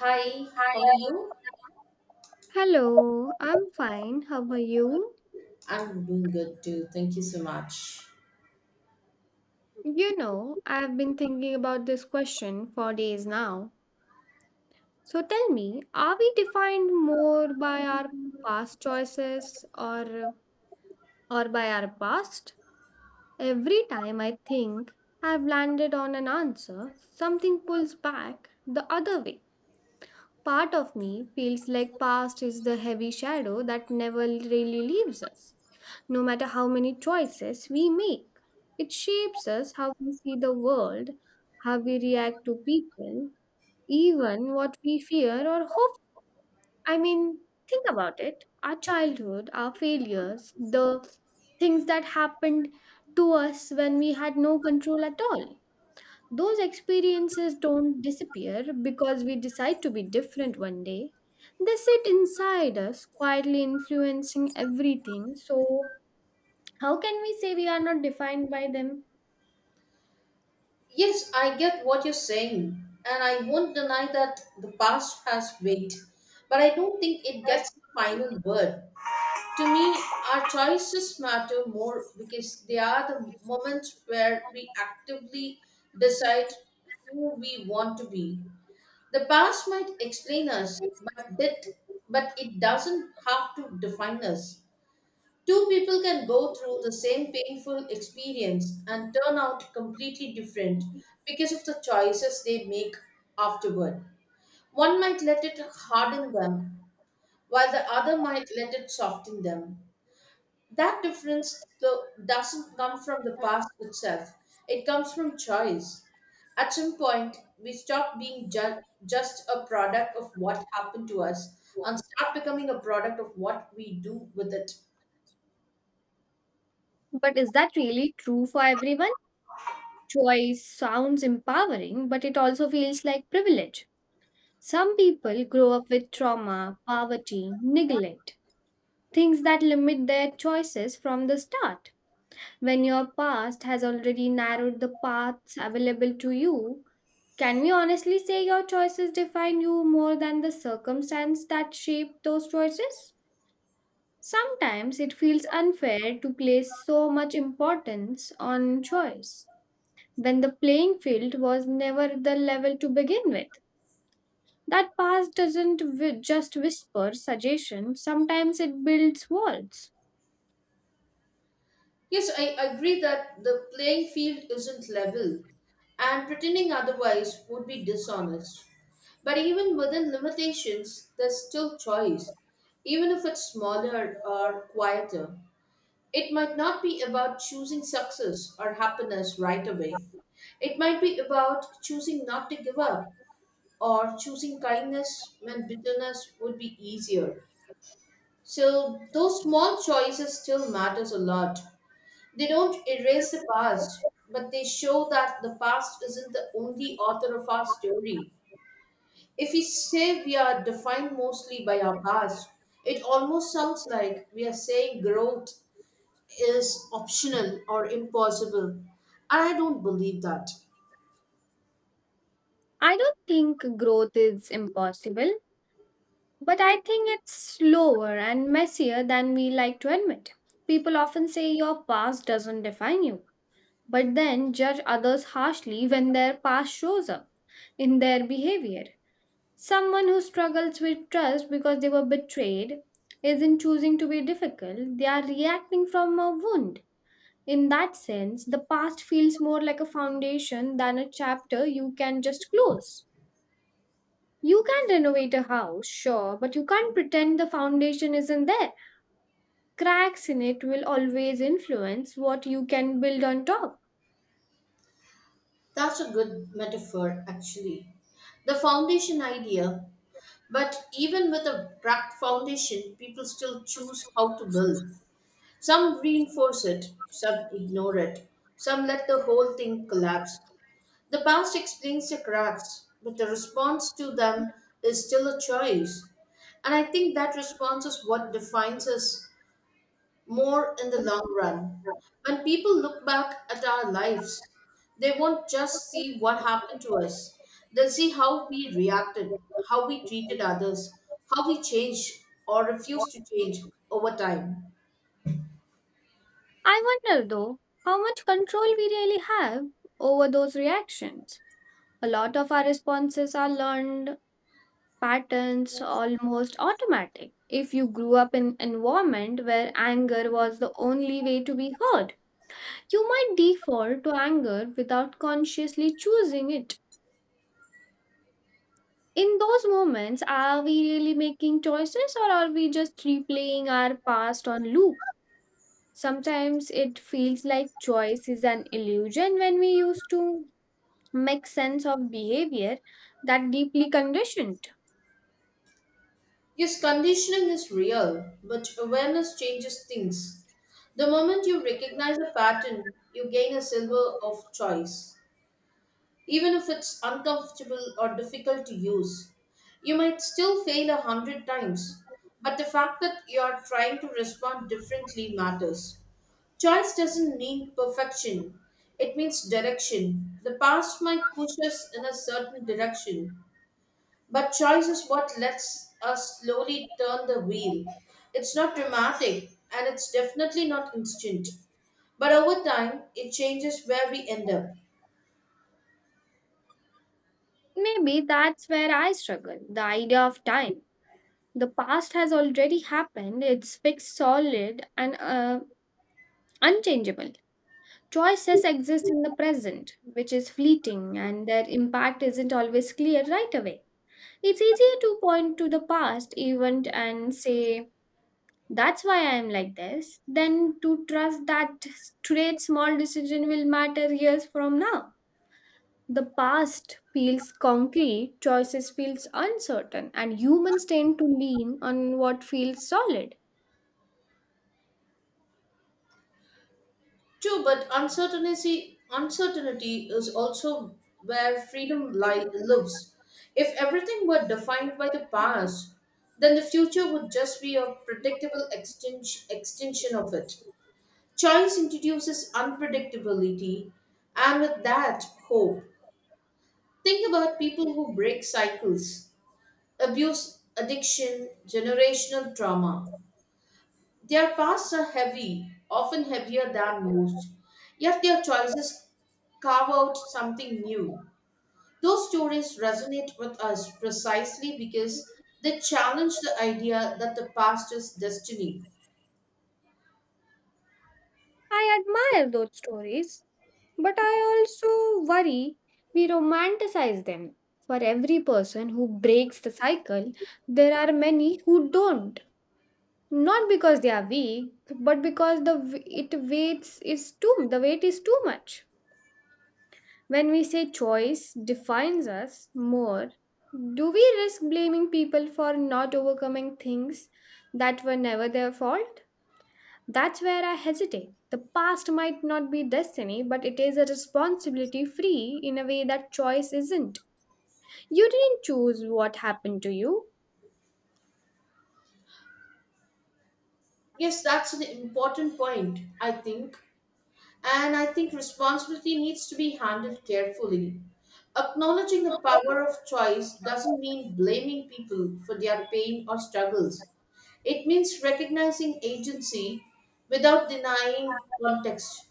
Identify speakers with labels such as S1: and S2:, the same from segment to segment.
S1: Hi, how are you?
S2: Hello, I'm fine. How are you?
S1: I'm doing good too. Thank you so much.
S2: You know, I've been thinking about this question for days now. So tell me, are we defined more by our past choices or by our past? Every time I think I've landed on an answer, something pulls back the other way. Part of me feels like past is the heavy shadow that never really leaves us. No matter how many choices we make, it shapes us how we see the world, how we react to people, even what we fear or hope. I mean, think about it. Our childhood, our failures, the things that happened to us when we had no control at all. Those experiences don't disappear because we decide to be different one day. They sit inside us, quietly influencing everything. So, how can we say we are not defined by them?
S1: Yes, I get what you're saying, and I won't deny that the past has weight, but I don't think it gets the final word. To me, our choices matter more because they are the moments where we actively decide who we want to be. The past might explain us, but it, but it doesn't have to define us. Two people can go through the same painful experience and turn out completely different because of the choices they make afterward. One might let it harden them, while the other might let it soften them. That difference, though, doesn't come from the past itself, it comes from choice. At some point, we stop being just a product of what happened to us and start becoming a product of what we do with it.
S2: But is that really true for everyone? Choice sounds empowering, but it also feels like privilege. Some people grow up with trauma, poverty, neglect, things that limit their choices from the start. When your past has already narrowed the paths available to you, can we honestly say your choices define you more than the circumstance that shaped those choices? Sometimes it feels unfair to place so much importance on choice when the playing field was never the level to begin with. That past doesn't just whisper suggestions, sometimes it builds walls.
S1: Yes, I agree that the playing field isn't level, and pretending otherwise would be dishonest. But even within limitations, there's still choice, even if it's smaller or quieter. It might not be about choosing success or happiness right away. It might be about choosing not to give up or choosing kindness when bitterness would be easier. So those small choices still matters a lot. They don't erase the past, but they show that the past isn't the only author of our story. If we say we are defined mostly by our past, it almost sounds like we are saying growth is optional or impossible. And I don't believe that.
S2: I don't think growth is impossible. But I think it's slower and messier than we like to admit. People often say your past doesn't define you, but then judge others harshly when their past shows up in their behavior. Someone who struggles with trust because they were betrayed isn't choosing to be difficult, they are reacting from a wound. In that sense, the past feels more like a foundation than a chapter you can just close. You can renovate a house, sure, but you can't pretend the foundation isn't there. Cracks in it will always influence what you can build on top.
S1: That's a good metaphor, actually. The foundation idea, but even with a cracked foundation, people still choose how to build. Some reinforce it, some ignore it, some let the whole thing collapse. The past explains the cracks, but the response to them is still a choice. And I think that response is what defines us more in the long run. When people look back at our lives, they won't just see what happened to us, they'll see how we reacted, how we treated others, how we changed or refused to change over time.
S2: I wonder though, how much control we really have over those reactions. A lot of our responses are learned patterns, almost automatic. If you grew up in an environment where anger was the only way to be heard, you might default to anger without consciously choosing it. In those moments, are we really making choices or are we just replaying our past on loop? Sometimes it feels like choice is an illusion when we used to make sense of behavior that deeply conditioned.
S1: Yes, conditioning is real, but awareness changes things. The moment you recognize a pattern, you gain a silver of choice. Even if it's uncomfortable or difficult to use, you might still fail a hundred times, but the fact that you are trying to respond differently matters. Choice doesn't mean perfection, it means direction. The past might push us in a certain direction, but choice is what lets us slowly turn the wheel. It's not dramatic and it's definitely not instant. But over time, it changes where we end up.
S2: Maybe that's where I struggle the idea of time. The past has already happened, it's fixed, solid, and unchangeable. Choices exist in the present, which is fleeting, and their impact isn't always clear right away. It's easier to point to the past event and say, that's why I am like this, than to trust that today's small decision will matter years from now. The past feels concrete, choices feels uncertain, and humans tend to lean on what feels solid.
S1: True, but uncertainty is also where freedom lives. If everything were defined by the past, then the future would just be a predictable extension of it. Choice introduces unpredictability, and with that, hope. Think about people who break cycles, abuse, addiction, generational trauma. Their pasts are heavy, often heavier than most, yet their choices carve out something new. Those stories resonate with us precisely because they challenge the idea that the past is destiny.
S2: I admire those stories, but I also worry we romanticize them. For every person who breaks the cycle, there are many who don't. Not because they are weak but because the weight is too much. When we say choice defines us more, do we risk blaming people for not overcoming things that were never their fault? That's where I hesitate. The past might not be destiny but it is a responsibility free in a way that choice isn't. You didn't choose what happened to you.
S1: Yes, that's an important point, I think. And I think responsibility needs to be handled carefully. Acknowledging the power of choice doesn't mean blaming people for their pain or struggles. It means recognizing agency without denying context.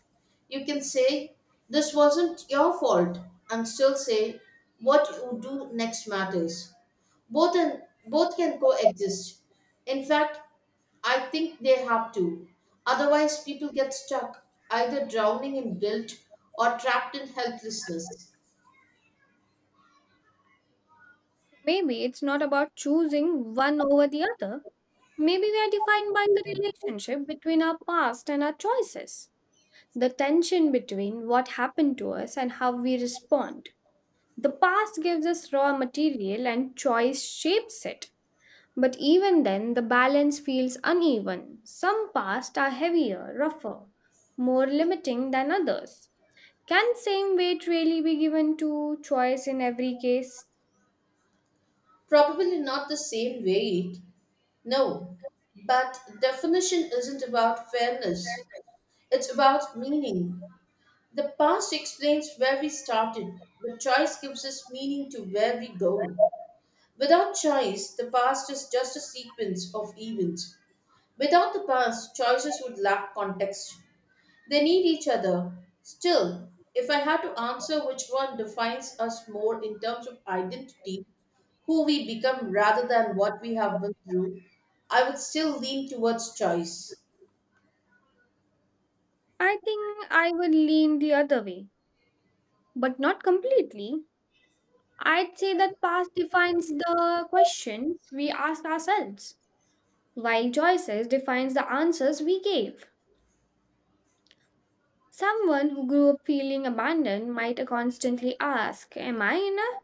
S1: You can say, "This wasn't your fault," and still say, "What you do next matters." Both, and both can coexist. In fact, I think they have to. Otherwise, people get stuck, either drowning in guilt or trapped in helplessness.
S2: Maybe it's not about choosing one over the other. Maybe we are defined by the relationship between our past and our choices, the tension between what happened to us and how we respond. The past gives us raw material and choice shapes it. But even then, the balance feels uneven. Some past are heavier, rougher, more limiting than others. Can same weight really be given to choice in every case?
S1: Probably not the same weight, no. But definition isn't about fairness, it's about meaning. The past explains where we started, but choice gives us meaning to where we go. Without choice, the past is just a sequence of events. Without the past, choices would lack context. They need each other. Still, if I had to answer which one defines us more in terms of identity, who we become rather than what we have been through, I would still lean towards choice.
S2: I think I would lean the other way, but not completely. I'd say that past defines the questions we ask ourselves, while choices defines the answers we gave. Someone who grew up feeling abandoned might constantly ask, "Am I enough?"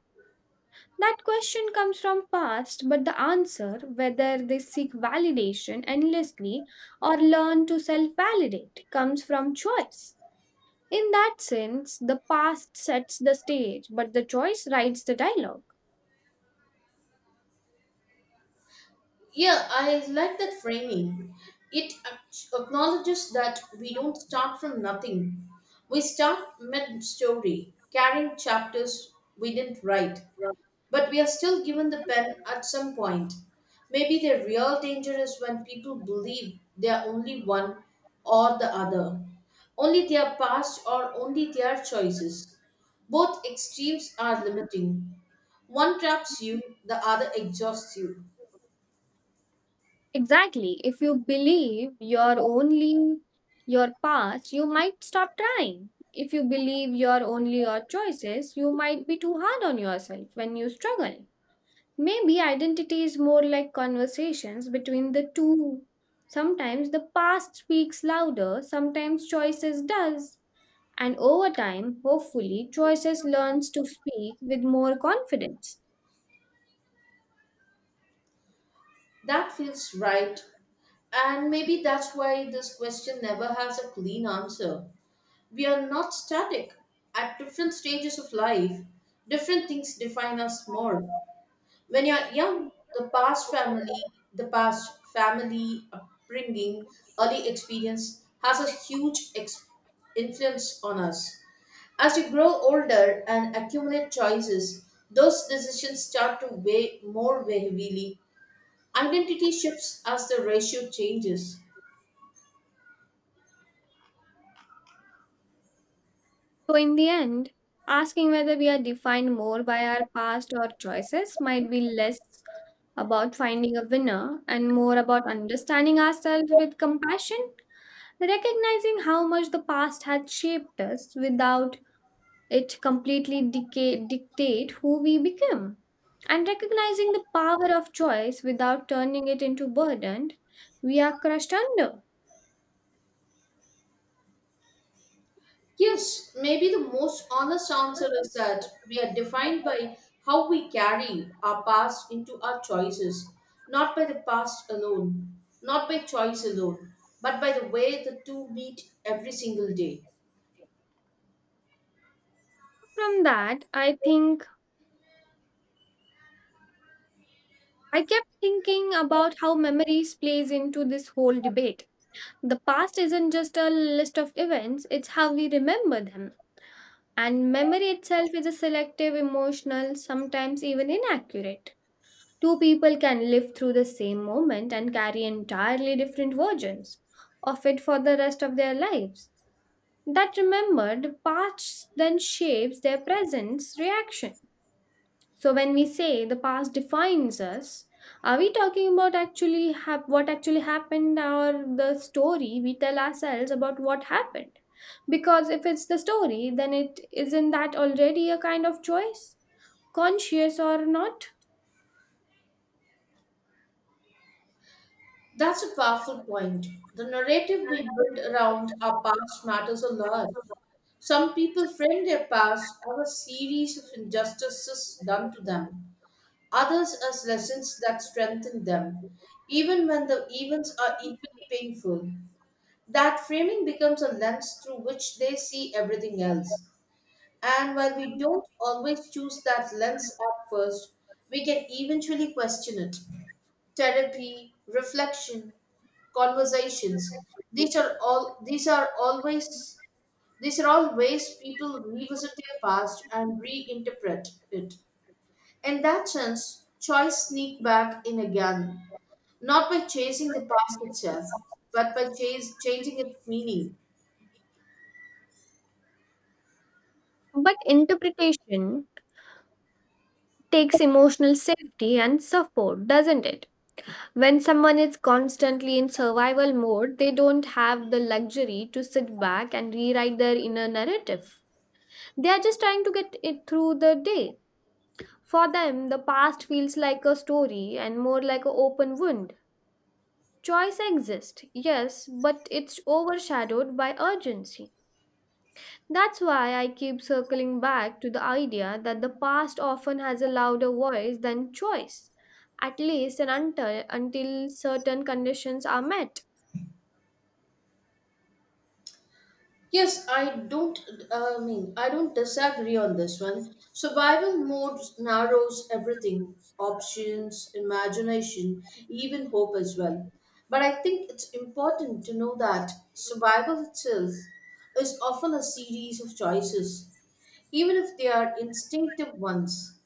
S2: That question comes from past, but the answer, whether they seek validation endlessly or learn to self validate, comes from choice. In that sense, the past sets the stage, but the choice writes the dialogue.
S1: Yeah, I like that framing. It acknowledges that we don't start from nothing. We start mid story, carrying chapters we didn't write, but we are still given the pen at some point. Maybe the real danger is when people believe they are only one or the other, only their past or only their choices. Both extremes are limiting. One traps you, the other exhausts you.
S2: Exactly. If you believe you're only your past, you might stop trying. If you believe you're only your choices, you might be too hard on yourself when you struggle. Maybe identity is more like conversations between the two. Sometimes the past speaks louder, sometimes choices does. And over time, hopefully, choices learns to speak with more confidence.
S1: That feels right, and maybe that's why this question never has a clean answer. We are not static. At different stages of life, different things define us more. When you're young, the past family upbringing, early experience has a influence on us. As you grow older and accumulate choices, those decisions start to weigh more heavily. Identity shifts as the ratio changes.
S2: So in the end, asking whether we are defined more by our past or choices might be less about finding a winner and more about understanding ourselves with compassion, recognizing how much the past had shaped us without it completely decay, dictate who we become. And recognizing the power of choice without turning it into burden we are crushed under.
S1: Yes, maybe the most honest answer is that we are defined by how we carry our past into our choices, not by the past alone, not by choice alone, but by the way the two meet every single day.
S2: From that, I think I kept thinking about how memories plays into this whole debate. The past isn't just a list of events, it's how we remember them. And memory itself is a selective, emotional, sometimes even inaccurate. Two people can live through the same moment and carry entirely different versions of it for the rest of their lives. That remembered past then shapes their present reaction. So when we say the past defines us, are we talking about actually what actually happened or the story we tell ourselves about what happened? Because if it's the story, then it isn't that already a kind of choice, conscious or not?
S1: That's a powerful point. The narrative we build around our past matters a lot. Some people frame their past as a series of injustices done to them, others as lessons that strengthen them, even when the events are equally painful. That framing becomes a lens through which they see everything else. And while we don't always choose that lens at first, we can eventually question it. Therapy, reflection, conversations, these are all these are always these are all ways people revisit their past and reinterpret it. In that sense, choice sneak back in again, not by chasing the past itself, but by changing its meaning.
S2: But interpretation takes emotional safety and support, doesn't it? When someone is constantly in survival mode, they don't have the luxury to sit back and rewrite their inner narrative. They are just trying to get it through the day. For them, the past feels like a story and more like an open wound. Choice exists, yes, but it's overshadowed by urgency. That's why I keep circling back to the idea that the past often has a louder voice than choice, at least and until certain conditions are met.
S1: Yes, I don't. I mean, I don't disagree on this one. Survival mode narrows everything: options, imagination, even hope as well. But I think it's important to know that survival itself is often a series of choices even if they are instinctive ones.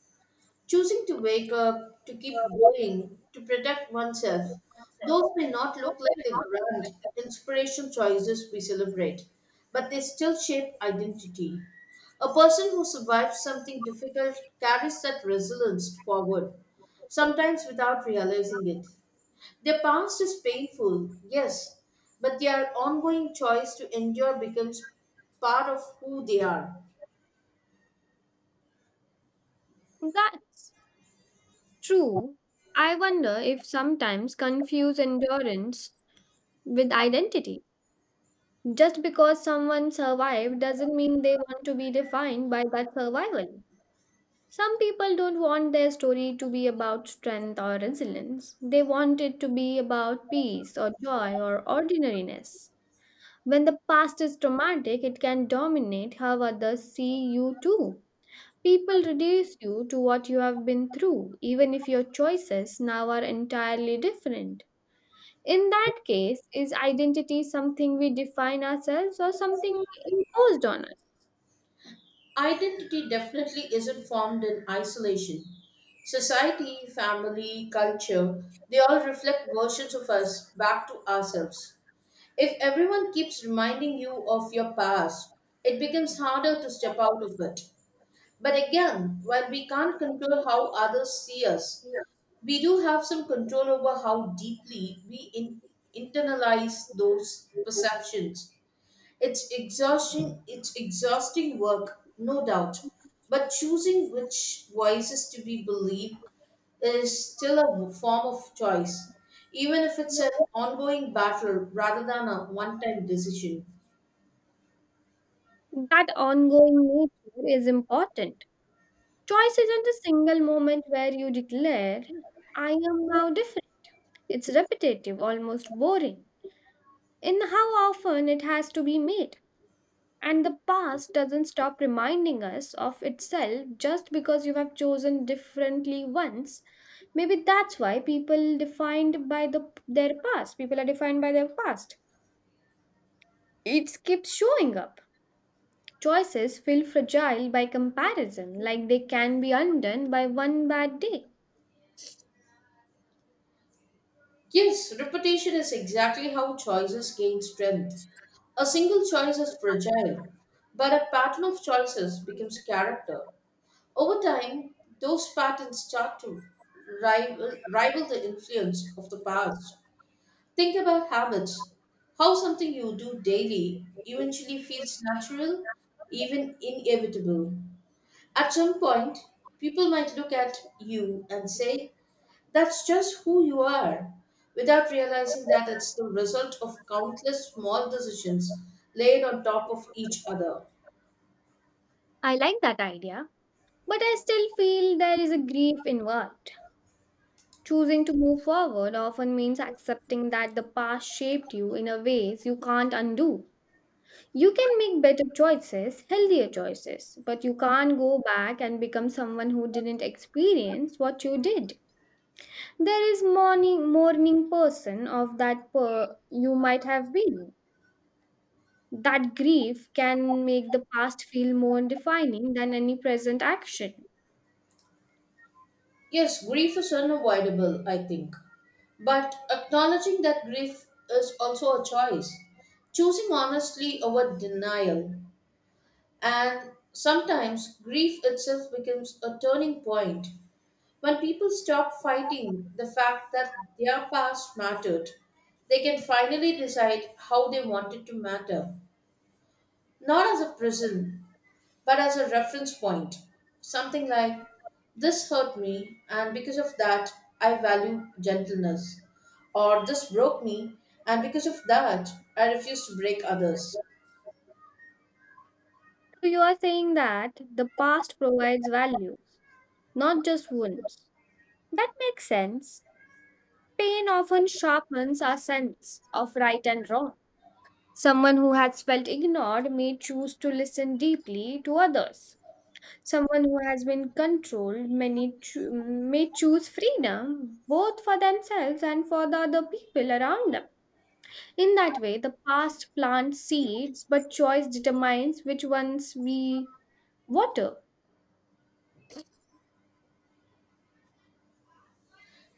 S1: Choosing to wake up, to keep going, to protect oneself. Those may not look like the grand inspiration choices we celebrate, but they still shape identity. A person who survives something difficult carries that resilience forward, sometimes without realizing it. Their past is painful, yes, but their ongoing choice to endure becomes part of who they are.
S2: That's true. I wonder if sometimes confuse endurance with identity. Just because someone survived doesn't mean they want to be defined by that survival. Some people don't want their story to be about strength or resilience. They want it to be about peace or joy or ordinariness. When the past is traumatic, it can dominate how others see you too. People reduce you to what you have been through, even if your choices now are entirely different. In that case, is identity something we define ourselves or something we imposed on us?
S1: Identity definitely isn't formed in isolation. Society, family, culture, they all reflect versions of us back to ourselves. If everyone keeps reminding you of your past, it becomes harder to step out of it. But again, while we can't control how others see us, we do have some control over how deeply we internalize those perceptions. It's exhausting. It's exhausting work, no doubt. But choosing which voices to be believed is still a form of choice, even if it's an ongoing battle rather than a one-time decision.
S2: That ongoing nature is important. Choice isn't a single moment where you declare, "I am now different." It's repetitive, almost boring, in how often it has to be made. And the past doesn't stop reminding us of itself just because you have chosen differently once. Maybe that's why people defined by the their past. People are defined by their past. It keeps showing up. Choices feel fragile by comparison, like they can be undone by one bad day.
S1: Yes, reputation is exactly how choices gain strength. A single choice is fragile, but a pattern of choices becomes character. Over time, those patterns start to rival the influence of the past. Think about habits. How something you do daily eventually feels natural, even inevitable. At some point, people might look at you and say, "That's just who you are," without realizing that it's the result of countless small decisions laid on top of each other.
S2: I like that idea, but I still feel there is a grief involved. Choosing to move forward often means accepting that the past shaped you in a ways you can't undo. You can make better choices, healthier choices, but you can't go back and become someone who didn't experience what you did. There is morning person of that per you might have been. That grief can make the past feel more defining than any present action.
S1: Yes, grief is unavoidable, I think. But acknowledging that grief is also a choice. Choosing honestly over denial. And sometimes grief itself becomes a turning point when people stop fighting the fact that their past mattered. They can finally decide how they want it to matter, not as a prison, but as a reference point. Something like, "This hurt me, and because of that, I value gentleness." Or, "This broke me, and because of that, I refuse to break others."
S2: So you are saying that the past provides values, not just wounds. That makes sense. Pain often sharpens our sense of right and wrong. Someone who has felt ignored may choose to listen deeply to others. Someone who has been controlled many may choose freedom both for themselves and for the other people around them. In that way, the past plants seeds, but choice determines which ones we water.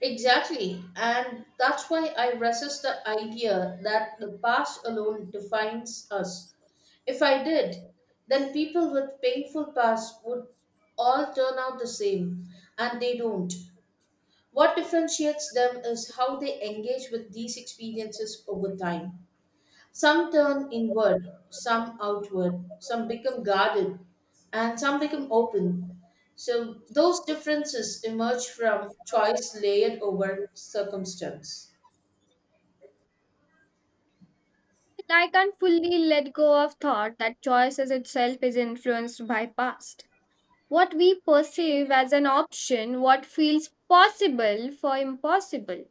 S1: Exactly. And that's why I resist the idea that the past alone defines us. If I did, then people with painful pasts would all turn out the same, and they don't. What differentiates them is how they engage with these experiences over time. Some turn inward, some outward, some become guarded, and some become open. So those differences emerge from choice layered over circumstance.
S2: I can't fully let go of thought that choice as itself is influenced by past. What we perceive as an option, what feels possible for impossible,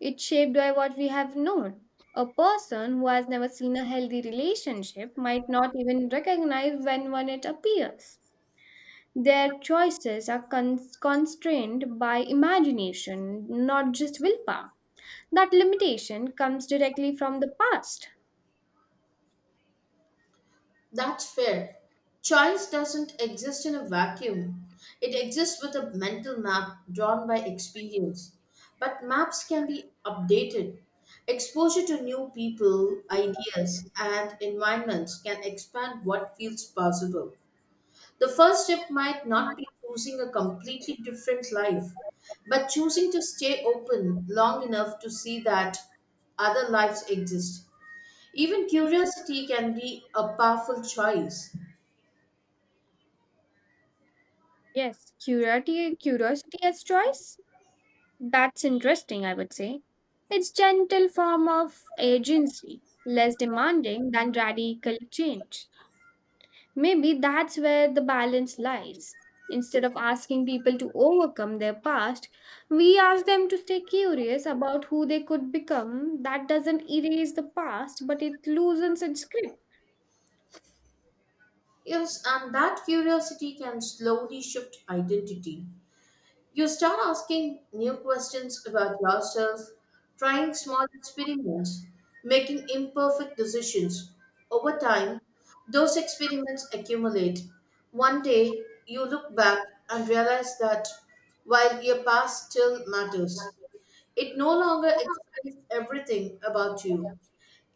S2: it's shaped by what we have known. A person who has never seen a healthy relationship might not even recognize when one it appears. Their choices are constrained by imagination, not just willpower. That limitation comes directly from the past.
S1: That's fair. Choice doesn't exist in a vacuum. It exists with a mental map drawn by experience. But maps can be updated. Exposure to new people, ideas, and environments can expand what feels possible. The first step might not be choosing a completely different life, but choosing to stay open long enough to see that other lives exist. Even curiosity can be a powerful choice.
S2: Yes, curiosity as choice. That's interesting, I would say. It's gentle form of agency, less demanding than radical change. Maybe that's where the balance lies. Instead of asking people to overcome their past, we ask them to stay curious about who they could become. That doesn't erase the past, but it loosens its grip.
S1: Yes, and that curiosity can slowly shift identity. You start asking new questions about yourself, trying small experiments, making imperfect decisions. Over time, those experiments accumulate. One day, you look back and realize that while your past still matters, it no longer explains everything about you.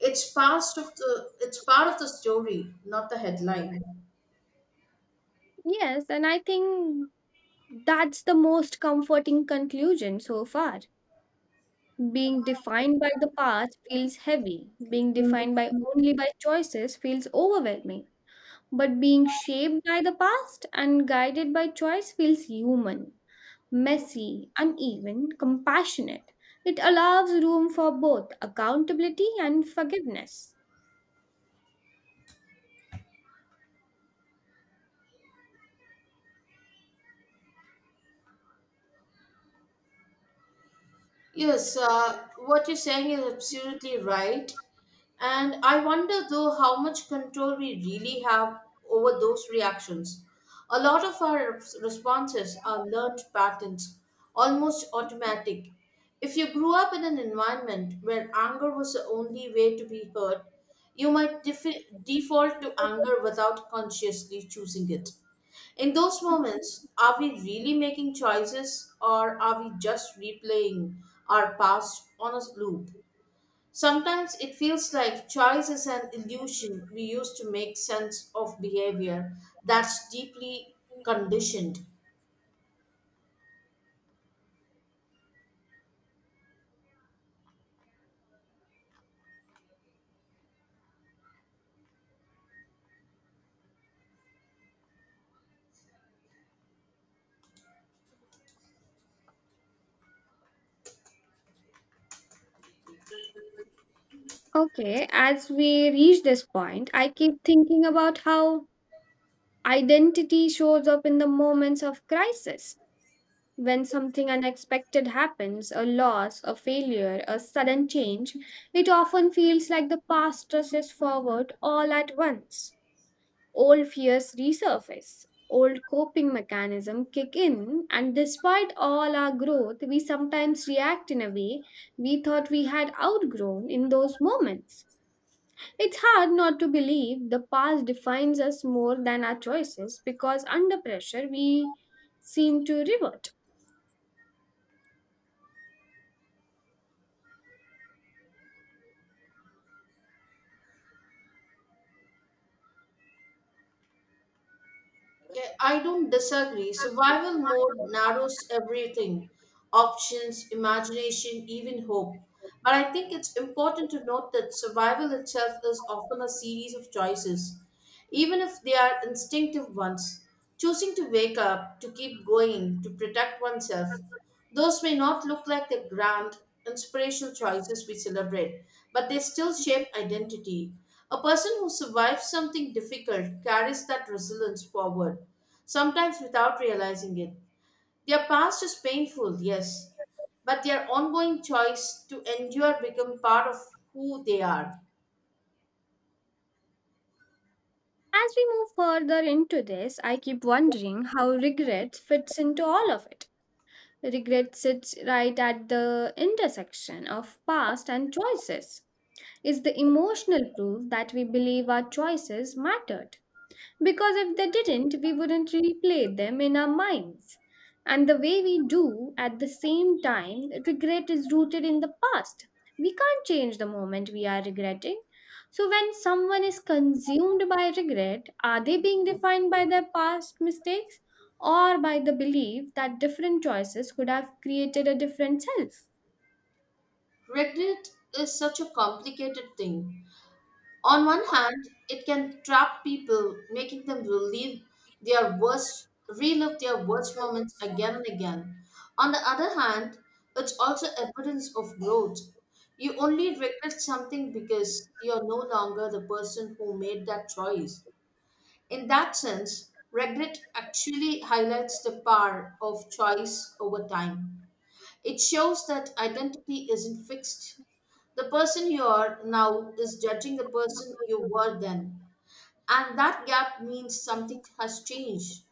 S1: It's part of the story, not the headline.
S2: Yes, and I think that's the most comforting conclusion so far. Being defined by the past feels heavy. Being defined by only by choices feels overwhelming. But being shaped by the past and guided by choice feels human. Messy, uneven, compassionate. It allows room for both accountability and forgiveness.
S1: Yes, what you're saying is absolutely right. And I wonder, though, how much control we really have over those reactions. A lot of our responses are learned patterns, almost automatic. If you grew up in an environment where anger was the only way to be heard, you might default to anger without consciously choosing it. In those moments, are we really making choices or are we just replaying our past on a loop? Sometimes it feels like choice is an illusion we use to make sense of behavior that's deeply conditioned.
S2: Okay, as we reach this point, I keep thinking about how identity shows up in the moments of crisis. When something unexpected happens, a loss, a failure, a sudden change, it often feels like the past rushes forward all at once. Old fears resurface, old coping mechanism kick in, and despite all our growth, we sometimes react in a way we thought we had outgrown in those moments. It's hard not to believe the past defines us more than our choices because under pressure we seem to revert.
S1: Yeah, I don't disagree. Survival mode narrows everything: options, imagination, even hope. But I think it's important to note that survival itself is often a series of choices, even if they are instinctive ones. Choosing to wake up, to keep going, to protect oneself. Those may not look like the grand, inspirational choices we celebrate, but they still shape identity. A person who survives something difficult carries that resilience forward, sometimes without realizing it. Their past is painful, yes, but their ongoing choice to endure become part of who they are.
S2: As we move further into this, I keep wondering how regret fits into all of it. Regret sits right at the intersection of past and choices is the emotional proof that we believe our choices mattered. Because if they didn't, we wouldn't replay them in our minds. And the way we do, at the same time, regret is rooted in the past. We can't change the moment we are regretting. So, when someone is consumed by regret, are they being defined by their past mistakes or by the belief that different choices could have created a different self?
S1: Regret is such a complicated thing. On one hand, it can trap people, making them relive their worst moments again and again. On the other hand, it's also evidence of growth. You only regret something because you're no longer the person who made that choice. In that sense, regret actually highlights the power of choice over time. It shows that identity isn't fixed. The person you are now is judging the person you were then. And that gap means something has changed.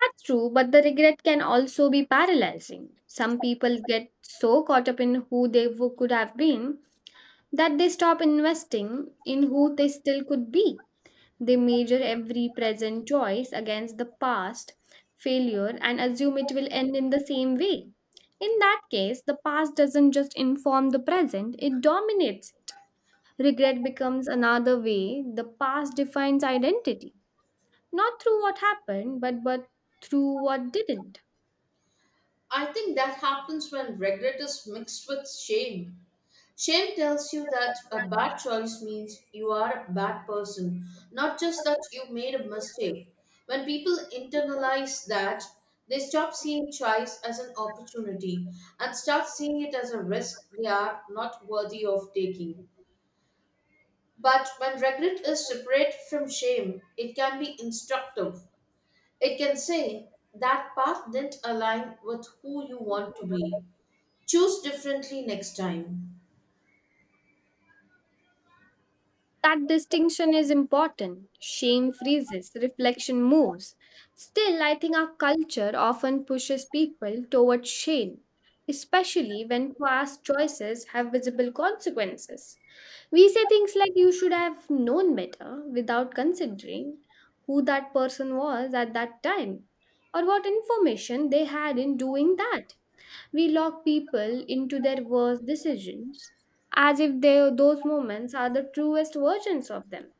S2: That's true, but the regret can also be paralyzing. Some people get so caught up in who they could have been that they stop investing in who they still could be. They measure every present choice against the past failure and assume it will end in the same way. In that case, the past doesn't just inform the present, it dominates it. Regret becomes another way the past defines identity, not through what happened, but through what didn't.
S1: I think that happens when regret is mixed with shame. Shame tells you that a bad choice means you are a bad person, not just that you made a mistake. When people internalize that, they stop seeing choice as an opportunity and start seeing it as a risk they are not worthy of taking. But when regret is separate from shame, it can be instructive. It can say that path didn't align with who you want to be. Choose differently next time.
S2: That distinction is important. Shame freezes, reflection moves. Still, I think our culture often pushes people towards shame, especially when past choices have visible consequences. We say things like, "You should have known better," without considering who that person was at that time or what information they had in doing that. We lock people into their worst decisions as if they, those moments are the truest versions of them.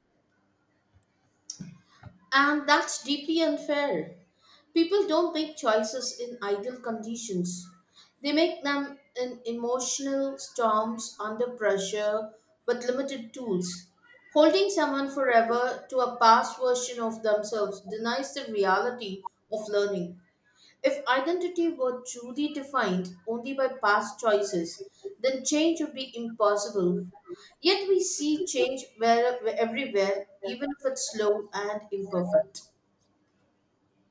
S1: And that's deeply unfair. People don't make choices in ideal conditions. They make them in emotional storms under pressure with limited tools. Holding someone forever to a past version of themselves denies the reality of learning. If identity were truly defined only by past choices, then change would be impossible. Yet we see change everywhere, even if it's slow and imperfect.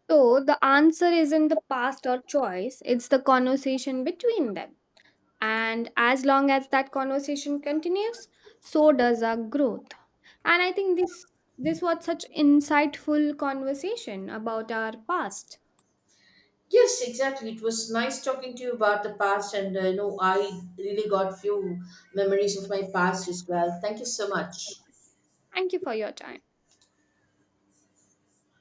S2: So the answer isn't the past or choice, it's the conversation between them. And as long as that conversation continues, so does our growth. And I think this was such insightful conversation about our past.
S1: Yes, exactly. It was nice talking to you about the past, and I really got few memories of my past as well. Thank you so much.
S2: Thank you for your time.